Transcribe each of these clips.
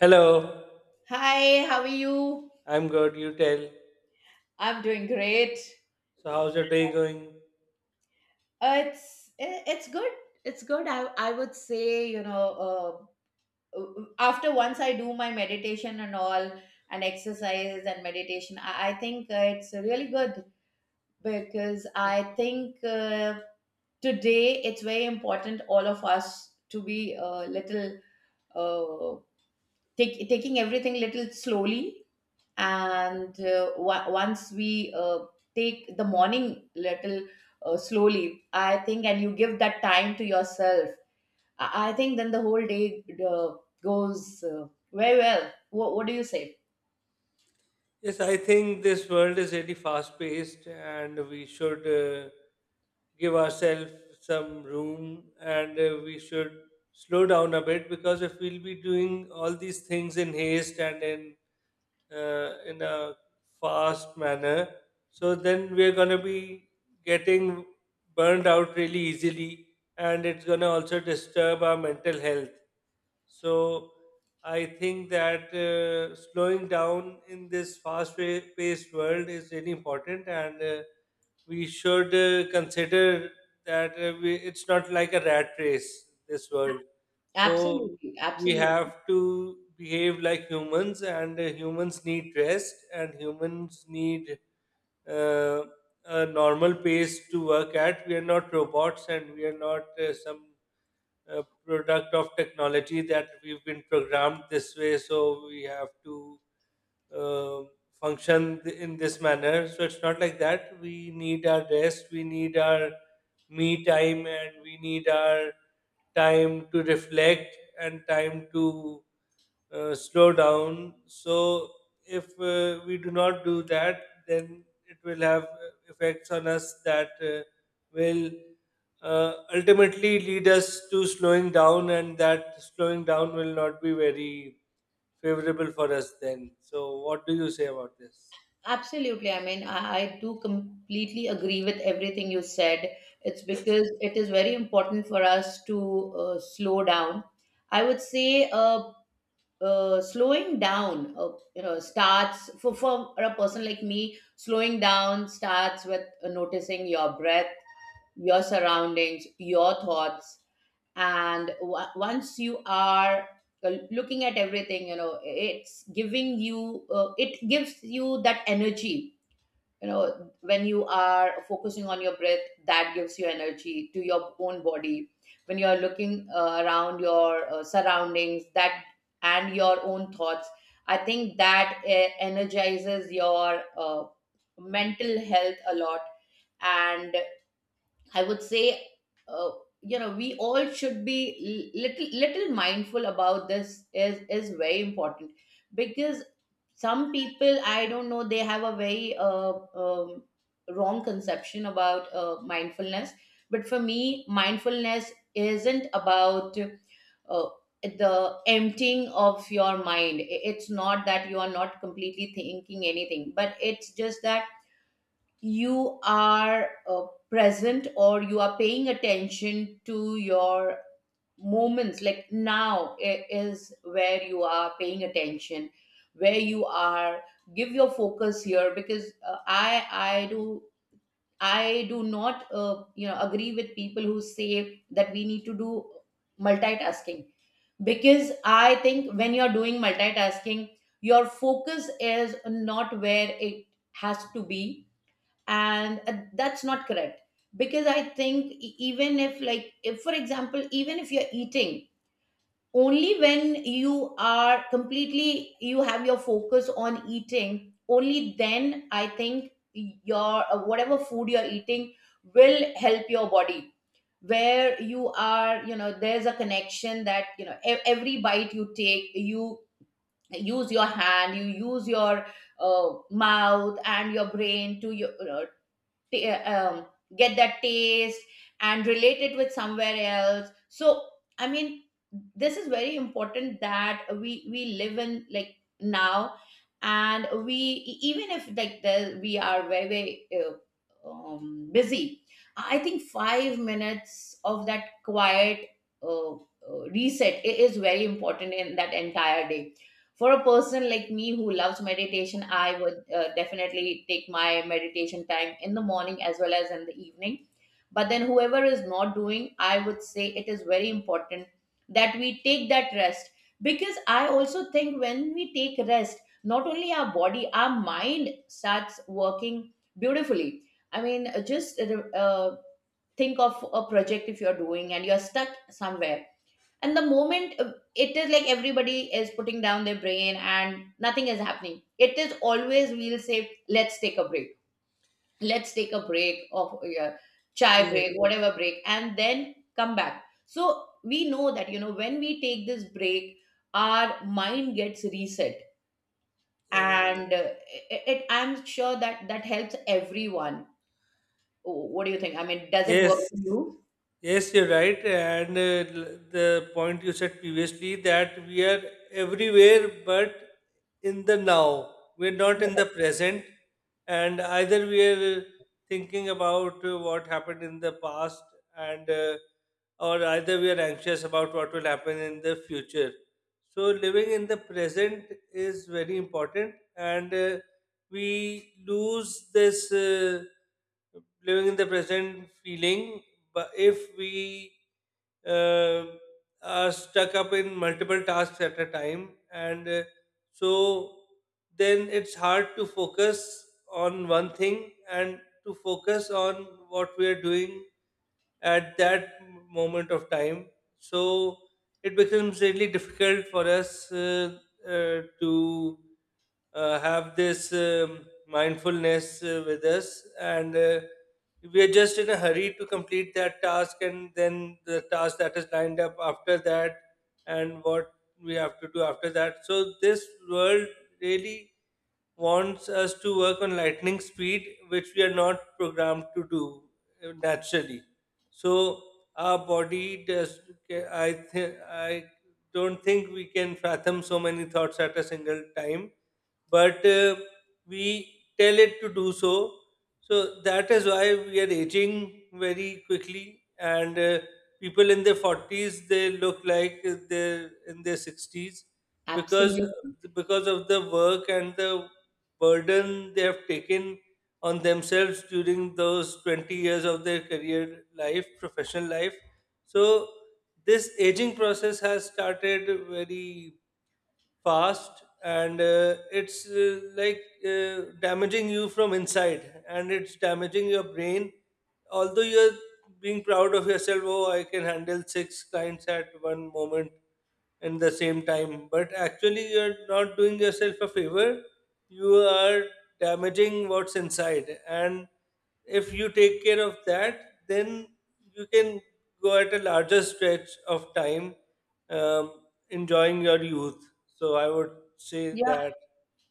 Hello, Hi, how are you? I'm good. You tell. I'm doing great. So, how's your day going? It's good. It's good. I would say, uh, after once I do my meditation and all and exercise and meditation, I think it's really good because I think today it's very important all of us to be a little uh, taking everything little slowly and once we take the morning little slowly, I think, and you give that time to yourself. I think then the whole day goes very well. What do you say? Yes, I think this world is really fast paced and we should give ourselves some room and we should slow down a bit because if we'll be doing all these things in haste and in a fast manner. So then we're going to be getting burned out really easily, and it's going to also disturb our mental health. So I think that slowing down in this fast-paced world is really important, and we should consider that it's not like a rat race, this world. So Absolutely, we absolutely. have to behave like humans, and humans need rest, and humans need uh, a normal pace to work at. We are not robots, and we are not some product of technology that we've been programmed this way. So we have to uh, in this manner. So it's not like that. We need our rest, we need our me time, and we need our time to reflect and time to slow down. So if we do not do that, then it will have effects on us that will ultimately lead us to slowing down, and that slowing down will not be very favorable for us then. So, what do you say about this? Absolutely, I mean, I do completely agree with everything you said. It's because it is very important for us to slow down. I would say slowing down, starts for a person like me. Slowing down starts with noticing your breath, your surroundings, your thoughts. And once you are looking at everything, you know, it's giving you it gives you that energy. You know, when you are focusing on your breath, that gives you energy to your own body. When you are looking around your surroundings, that, and your own thoughts, I think that energizes your mental health a lot. And I would say, uh, we all should be little mindful about this. Is very important because some people, I don't know, they have a very um, wrong conception about mindfulness. But for me, mindfulness isn't about uh, the emptying of your mind. It's not that you are not completely thinking anything, but it's just that you are present, or you are paying attention to your moments. Like now is where you are paying attention, where you are, give your focus here. Because I do, I do not, agree with people who say that we need to do multitasking. Because I think when you're doing multitasking, your focus is not where it has to be. And that's not correct because I think even if, like, if for example, even if you're eating, only when you are completely, you have your focus on eating, only then I think your, whatever food you're eating will help your body, where you are. You know, there's a connection that, you know, every bite you take, you use your hand, you use your mouth and your brain to your t- um, get that taste and relate it with somewhere else. So I mean, this is very important that we live in like now. And we even if like we are very busy, I think 5 minutes of that quiet reset is very important in that entire day. For a person like me who loves meditation, I would definitely take my meditation time in the morning as well as in the evening. But then whoever is not doing, I would say it is very important that we take that rest. Because I also think when we take rest, not only our body, our mind starts working beautifully. I mean, just think of a project, if you're doing and you're stuck somewhere, and the moment it is like everybody is putting down their brain and nothing is happening, it is always we'll say, let's take a break, let's take a break of yeah, chai Yes, break, whatever break, and then come back. So we know that, you know, when we take this break, our mind gets reset. yes, And it, I'm sure that that helps everyone. What do you think? I mean, does it work yes, for you? yes, you're right. And the point you said previously that we are everywhere but in the now, we're not in the present, and either we are thinking about what happened in the past and or either we are anxious about what will happen in the future. So living in the present is very important, and we lose this living in the present feeling. But if we uh, are stuck up in multiple tasks at a time and so then it's hard to focus on one thing and to focus on what we are doing at that moment of time. So it becomes really difficult for us to have this mindfulness with us, and we are just in a hurry to complete that task and then the task that is lined up after that and what we have to do after that. So this world really wants us to work on lightning speed, which we are not programmed to do naturally. So our body does. I don't think we can fathom so many thoughts at a single time, but we tell it to do so. So that is why we are aging very quickly, and people in their forties they look like they're in their sixties because Absolutely. Of the work and the burden they have taken on themselves during those 20 years of their career life, professional life. So, this aging process has started very fast, and it's like damaging you from inside and it's damaging your brain, although you're being proud of yourself. Oh, I can handle six clients at one moment in the same time, but actually you're not doing yourself a favor. You are damaging what's inside, and if you take care of that, then you can go at a larger stretch of time um, enjoying your youth. So I would say Yeah. that.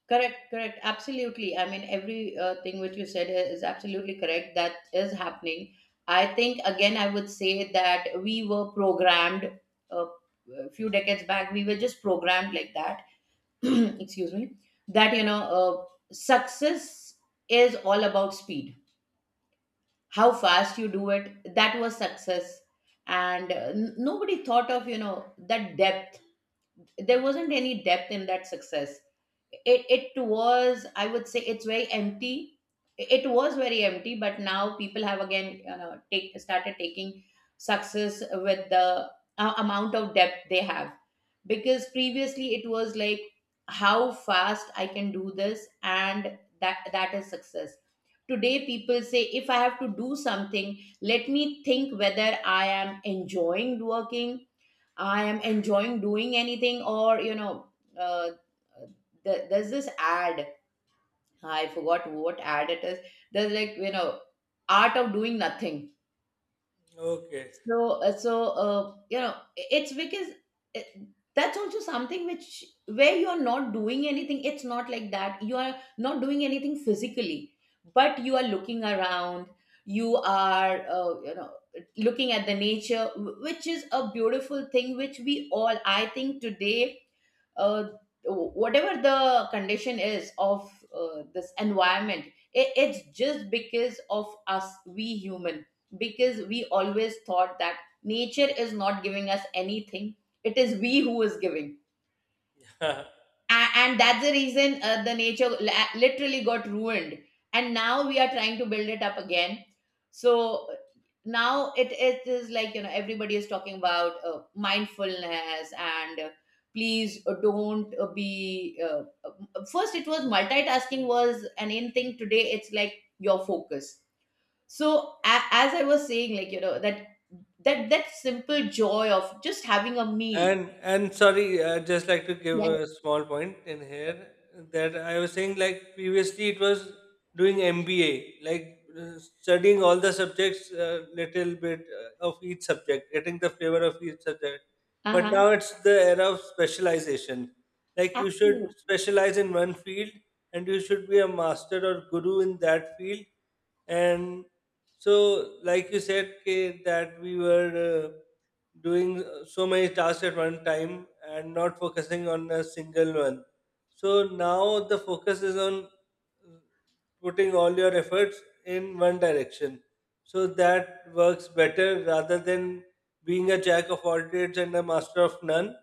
Correct, correct. Absolutely. I mean, every thing which you said is absolutely correct. That is happening. I think, again, I would say that we were programmed uh, a few decades back. We were just programmed like that. Excuse me. That, you know, success is all about speed. How fast you do it, that was success. And nobody thought of, you know, that depth. There wasn't any depth in that success. It was, I would say, it's very empty. It was very empty. But now people have again, you know, take started taking success with the amount of depth they have. Because previously it was like, how fast I can do this and that, that is success. Today people say, if I have to do something, let me think whether I am enjoying working. I am enjoying doing anything. Or, uh, there's this ad. I forgot what ad it is. There's like, you know, art of doing nothing. Okay. So it's because it, that's also something which, where you are not doing anything. It's not like that. You are not doing anything physically, but you are looking around. You are, looking at the nature, which is a beautiful thing. Which we all, I think, today, uh, whatever the condition is of this environment, it's just because of us, we human. Because we always thought that nature is not giving us anything, it is we who is giving. And that's the reason the nature literally got ruined, and now we are trying to build it up again. So now it is like, you know, everybody is talking about mindfulness. And please don't be first it was, multitasking was an in thing, today it's like your focus. So as I was saying, like, you know, that that simple joy of just having a meal. And Sorry, I just like to give a small point in here that I was saying like previously it was doing MBA, like studying all the subjects a little bit of each subject, getting the flavor of each subject. But Uh-huh. now it's the era of specialization. Like you should Absolutely specialize in one field, and you should be a master or guru in that field, and so like you said K, that we were doing so many tasks at one time and not focusing on a single one. So now the focus is on uh, putting all your efforts in one direction. So that works better rather than being a jack of all trades and a master of none.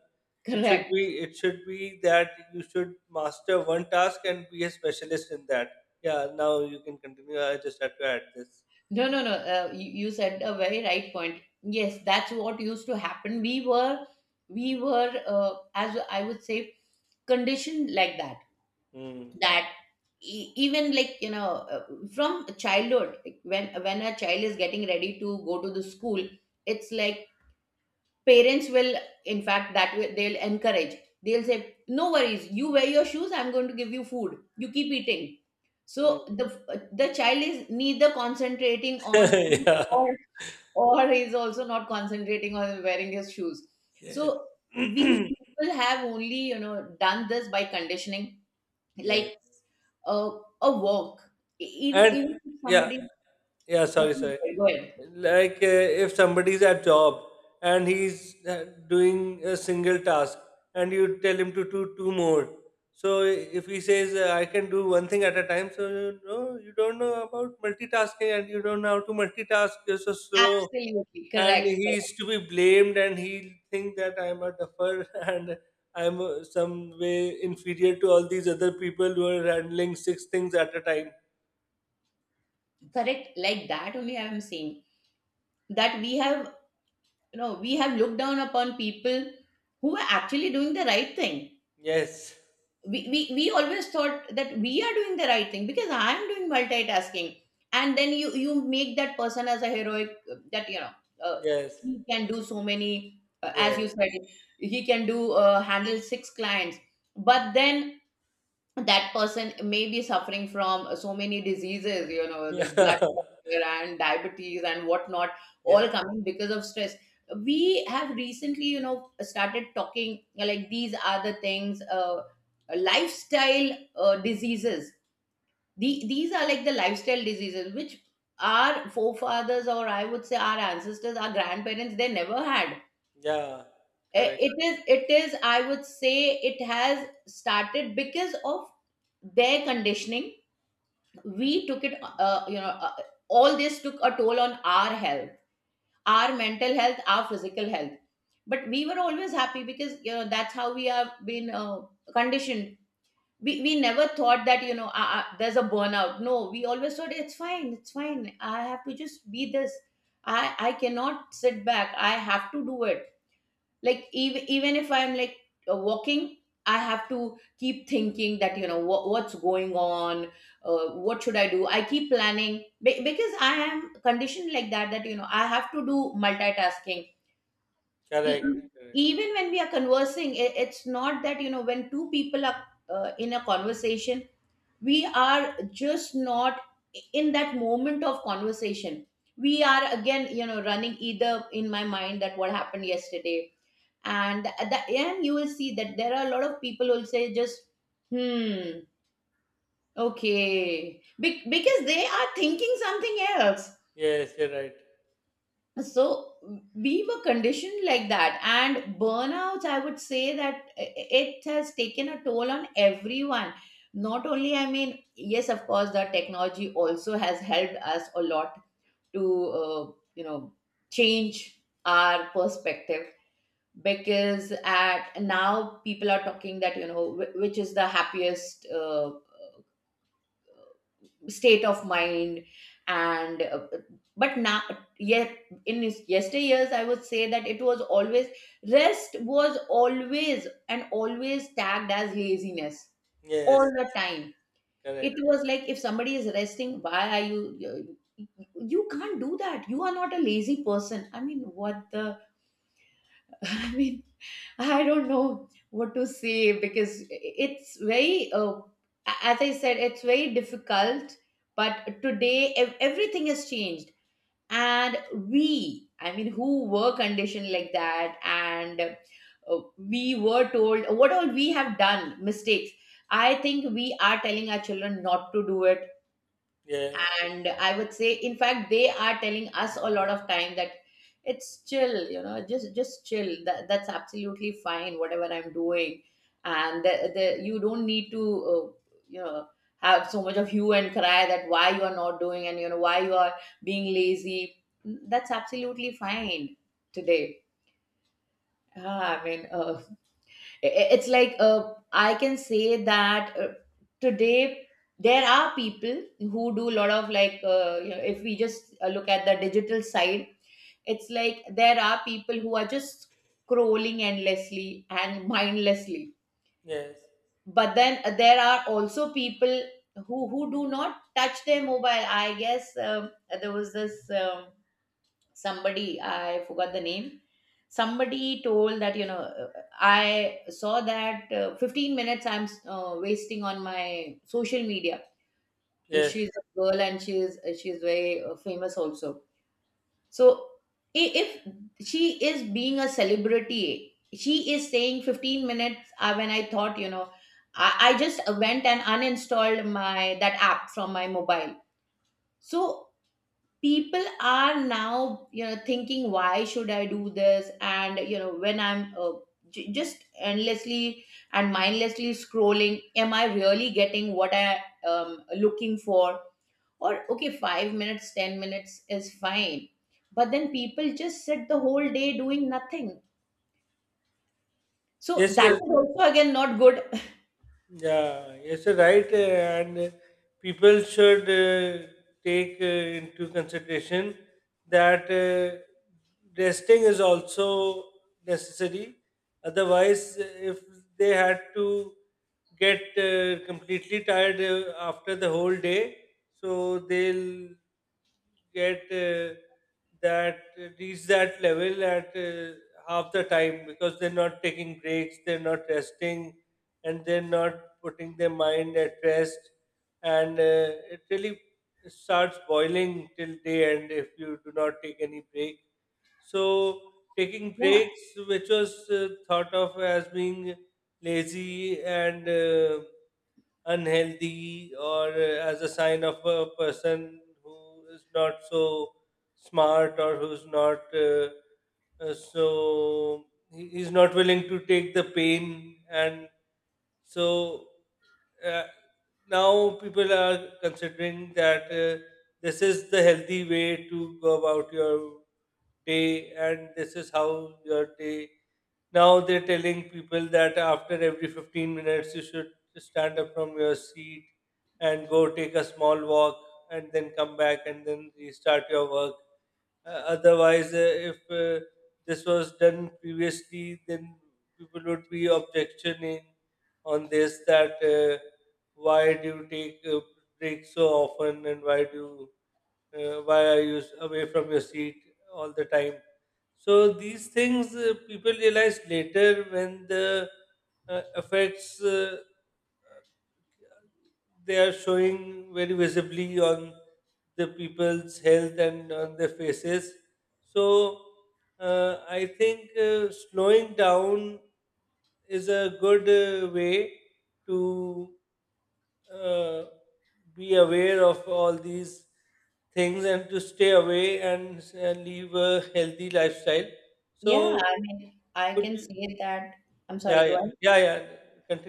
Correct. It should be that you should master one task and be a specialist in that. Yeah, now you can continue. I just had to add this. No, no, no. You said a very right point. Yes, that's what used to happen. We were, as I would say, conditioned like that. Hmm. That even, like, you know, from childhood, like when a child is getting ready to go to the school, it's like parents will, in fact, that will, they'll encourage. They'll say, "No worries, you wear your shoes. I'm going to give you food. You keep eating." So the Hmm. the child is neither concentrating on food, or he's also not concentrating on wearing his shoes. Yeah. So we Yes. people have only, you know, done this by conditioning. Yes. Like a a walk. E- Even And even if yeah, somebody… Yeah, please sorry. go ahead, go ahead. Like if somebody's at job and he's doing a single task and you tell him to do two more. So if he says, I can do one thing at a time, so you know, you don't know about multitasking and you don't know how to multitask. You're so slow. Absolutely And correct, he's correct, to be blamed, and he'll think that I'm a duffer and I'm some way inferior to all these other people who are handling six things at a time. correct. Like that only I am saying that we have, you know, we have looked down upon people who are actually doing the right thing. Yes, We always thought that we are doing the right thing because I am doing multitasking. And then you make that person as a heroic, that, you know, uh, yes, he can do so many, as yeah, you said, he can do, handle six clients. But then that person may be suffering from so many diseases, you know, this blood yeah, pressure and diabetes and whatnot, all yes, coming because of stress. We have recently, you know, started talking like these are the things, lifestyle diseases. These are like the lifestyle diseases which our forefathers, or I would say our ancestors, our grandparents, they never had. yeah, correct, It is, I would say, it has started because of their conditioning. We took it, all this took a toll on our health, our mental health, our physical health. But we were always happy because, you know, that's how we have been conditioned. We we never thought that, you know, there's a burnout. No, we always thought it's fine, it's fine, I have to just be this. I cannot sit back, I have to do it. Like even if I'm like walking, I have to keep thinking that, you know, what's going on, what should I do. I keep planning because I am conditioned like that, that, you know, I have to do multitasking. E- correct, e- correct. Even when we are conversing, it's not that, you know, when two people are in a conversation, we are just not in that moment of conversation. We are again, you know, running either in my mind, that what happened yesterday. And at the end you will see that there are a lot of people who will say just, hmm, okay. Ye- Because they are thinking something else. Yes, you're right. So we were conditioned like that. And burnouts, I would say that it has taken a toll on everyone. Not only, I mean, yes of course the technology also has helped us a lot to, you know change our perspective. Because at now people are talking that, you know, which is the happiest state of mind. And but now, yet, in His yesteryears, I would say that it was always, rest was always and always tagged as laziness all Yes, the time. It correct. was like if somebody is resting, why are you can't do that, you are not a lazy person. I mean, what the… I mean, I don't know what to say because it's very, as I said, it's very difficult. But today, everything has changed. And we, I mean, who were conditioned like that, and we were told what all we have done, mistakes. I think we are telling our children not to do it, Yes, and I would say in fact they are telling us a lot of time that it's chill, you know, just chill, that's absolutely fine whatever I'm doing. And you don't need to, uh, you know have so much of hue and cry that why you are not doing and, you know, why you are being lazy. That's absolutely fine today. I mean, it's like, I can say that today there are people who do a lot of, like, you know, if we just, look at the digital side, it's like there are people who are just scrolling endlessly and mindlessly. yes, But then, there are also people who do not touch their mobile, I guess. There was this, somebody, I forgot the name, somebody told that, you know, uh, I saw that, 15 minutes I'm, wasting on my social media. yes, She's a girl and she's very famous also. So if she is being a celebrity, she is saying 15 minutes, when I thought, you know, I just went and uninstalled my that app from my mobile. So people are now, you know, thinking why should I do this, and, you know, when I'm, just endlessly and mindlessly scrolling, am I really getting what I looking for? Or okay, 5 minutes, 10 minutes is fine, but then people just sit the whole day doing nothing, so yes, that you're is also again not good. Yeah, yes, you're right. And People should take into consideration that resting is also necessary. Otherwise, if they had to get completely tired after the whole day, so they'll get that reach that level at half the time because they're not taking breaks, they're not resting, and they're not putting their mind at rest, and it really starts boiling till day end if you do not take any break. So taking Yeah. breaks, which was thought of as being lazy and unhealthy or as a sign of a person who is not so smart or who's not so he's not willing to take the pain and so uh, now people are considering that this is the healthy way to go about your day, and this is how your day. Now they're telling people that after every 15 minutes, you should stand up from your seat and go take a small walk and then come back and then restart your work. Otherwise, if this was done previously, then people would be objectioning on this that why do you take breaks so often and why do why are you away from your seat all the time? So these things people realize later when the effects they are showing very visibly on the people's health and on their faces. So I think slowing down is a good way to uh, be aware of all these things and to stay away and live a healthy lifestyle. Yeah, So I mean, I could can you, say that… I'm yeah sorry, go… yeah yeah yeah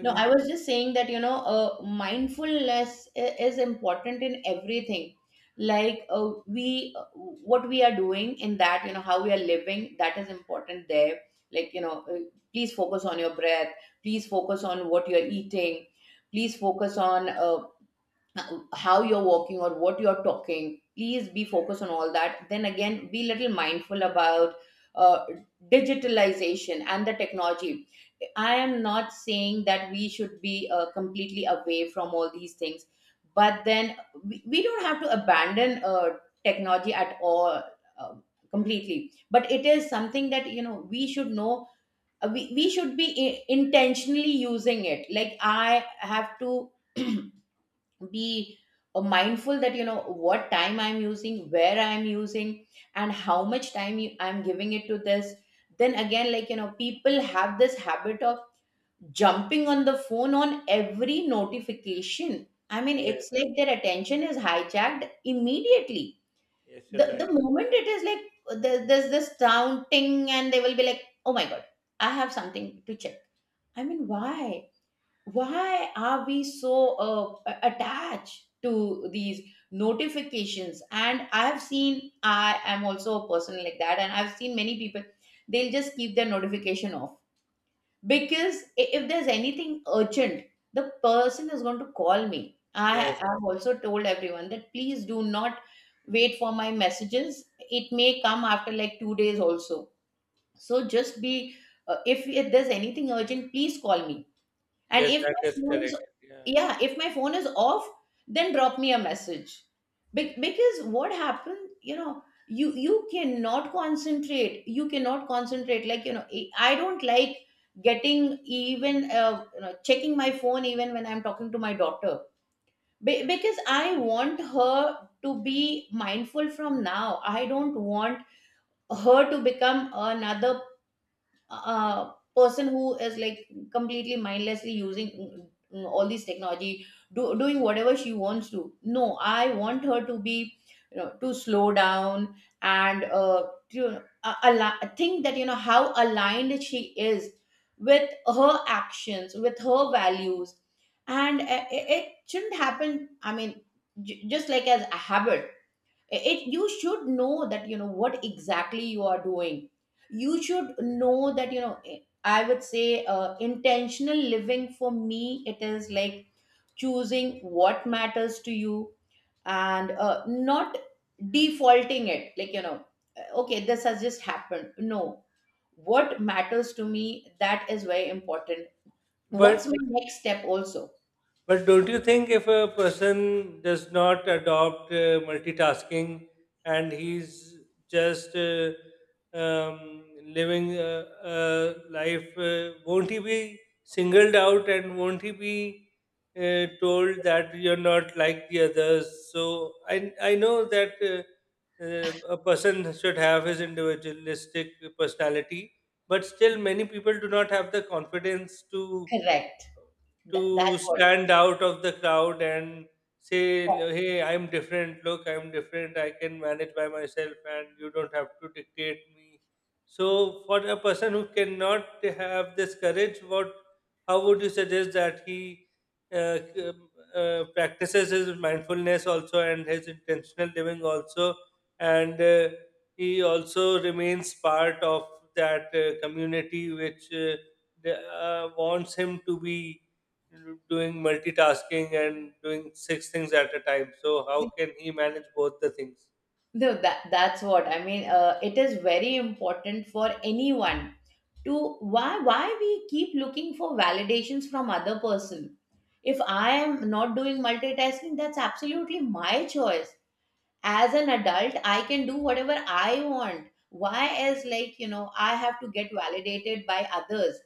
No, I was just saying that, you know, mindfulness is important in everything. Like, we, what we are doing in that, you know, how we are living, that is important there. Like, you know, please focus on your breath. Please focus on what you're eating. Please focus on how you're walking or what you're talking. Please be focused on all that. Then again, be little mindful about uh, digitalization and the technology. I am not saying that we should be completely away from all these things, but then, we don't have to abandon technology at all uh, completely, but it is something that, you know, we should know. We should be intentionally using it, like I have to be mindful that, you know, what time I'm using, where I'm using, and how much time I'm giving it to this. Then again, like, you know, people have this habit of jumping on the phone on every notification. I mean, it's Yes, like their attention is hijacked immediately. yes, you're the right. the moment it is like there's this sound, ting, and they will be like, oh my god, I have something to check. I mean, why are we so attached to these notifications? And I have seen, I am also a person like that, and I've seen many people, they'll just keep their notification off, because if there's anything urgent, the person is going to call me. I Yes. have also told everyone that please do not wait for my messages, it may come after like 2 days also. So just be, if there's anything urgent, please call me. And Yes, if that my is phone correct. is… Yeah. yeah, if my phone is off, then drop me a message. Because what happened, you know, you cannot concentrate. You cannot concentrate. Like, you know, I don't like getting even, you know, checking my phone even when I'm talking to my daughter. Because I want her to be mindful from now. I don't want her to become another person who is like completely mindlessly using all these technology, doing whatever she wants to. No, I want her to, be you know, to slow down, and to think that, you know, how aligned she is with her actions, with her values. And it shouldn't happen. I mean, just like as a habit, it, you should know that, you know, what exactly you are doing. You should know that, you know, I would say intentional living, for me, it is like choosing what matters to you, and not defaulting it, like, you know, okay, this has just happened, no, what matters to me, that is very important. What's But my next step also? But don't you think if a person does not adopt multitasking and he's just living a life, won't he be singled out and won't he be told that you're not like the others? So I know that a person should have his individualistic personality, but still, many people do not have the confidence Correct. Th- to that's stand out of the crowd and say, what hey, I'm different. Look, I'm different. I can manage by myself and you don't have to dictate me. So, for a person who cannot have this courage, what, how would you suggest that he uh, c- um, practices his mindfulness also and his intentional living also, and he also remains part of that community which wants him to be doing multitasking and doing six things at a time. So how can he manage both the things? No, that's what I mean. It is very important for anyone to… Why we keep looking for validations from other person? If I am not doing multitasking, that's absolutely my choice. As an adult, I can do whatever I want. Why is, like, you know, I have to get validated by others?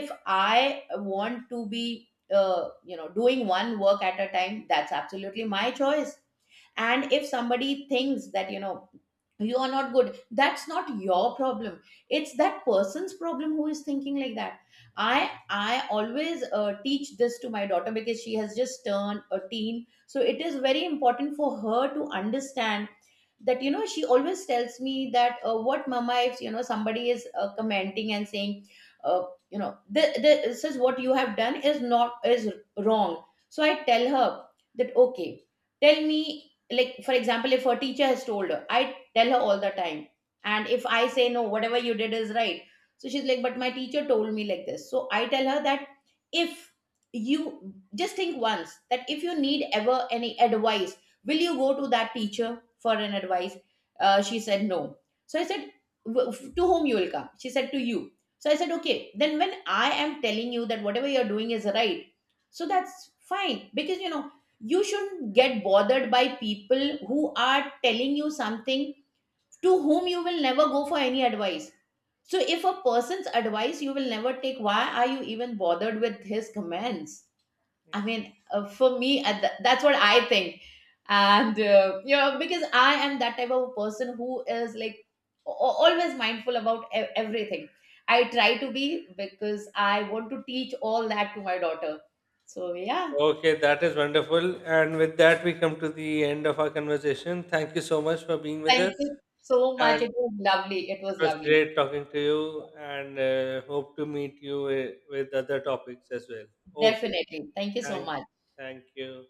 If I want to be, you know, doing one work at a time, that's absolutely my choice. And if somebody thinks that, you know, you are not good, that's not your problem. It's that person's problem who is thinking like that. I always teach this to my daughter, because she has just turned a teen, so it is very important for her to understand that, you know, she always tells me that, what, mama, if, you know, somebody is commenting and saying, uh, you know, this is what you have done is not, is wrong." So I tell her that, okay, tell me, like, for example, if her teacher has told her, I tell her all the time, and if I say no, whatever you did is right. So she's like, but my teacher told me like this. So I tell her that if you just think once that if you need ever any advice, will you go to that teacher for an advice? She said no. So I said, "W- to whom you will come?" She said, to you. So I said, okay, then when I am telling you that whatever you're doing is right, so that's fine, because, you know, you shouldn't get bothered by people who are telling you something to whom you will never go for any advice. So if a person's advice you will never take, why are you even bothered with his commands? I mean, for me, that's what I think. And, you know, because I am that type of person who is like always mindful about everything. I try to be, because I want to teach all that to my daughter. So, yeah, Okay, that is wonderful. And with that, we come to the end of our conversation. Thank you so much for being with thank us. you so much. And It was lovely. It it was was lovely. great talking to you. And hope to meet you with other topics as well. Okay, Definitely. Thank you so thank, much. thank you.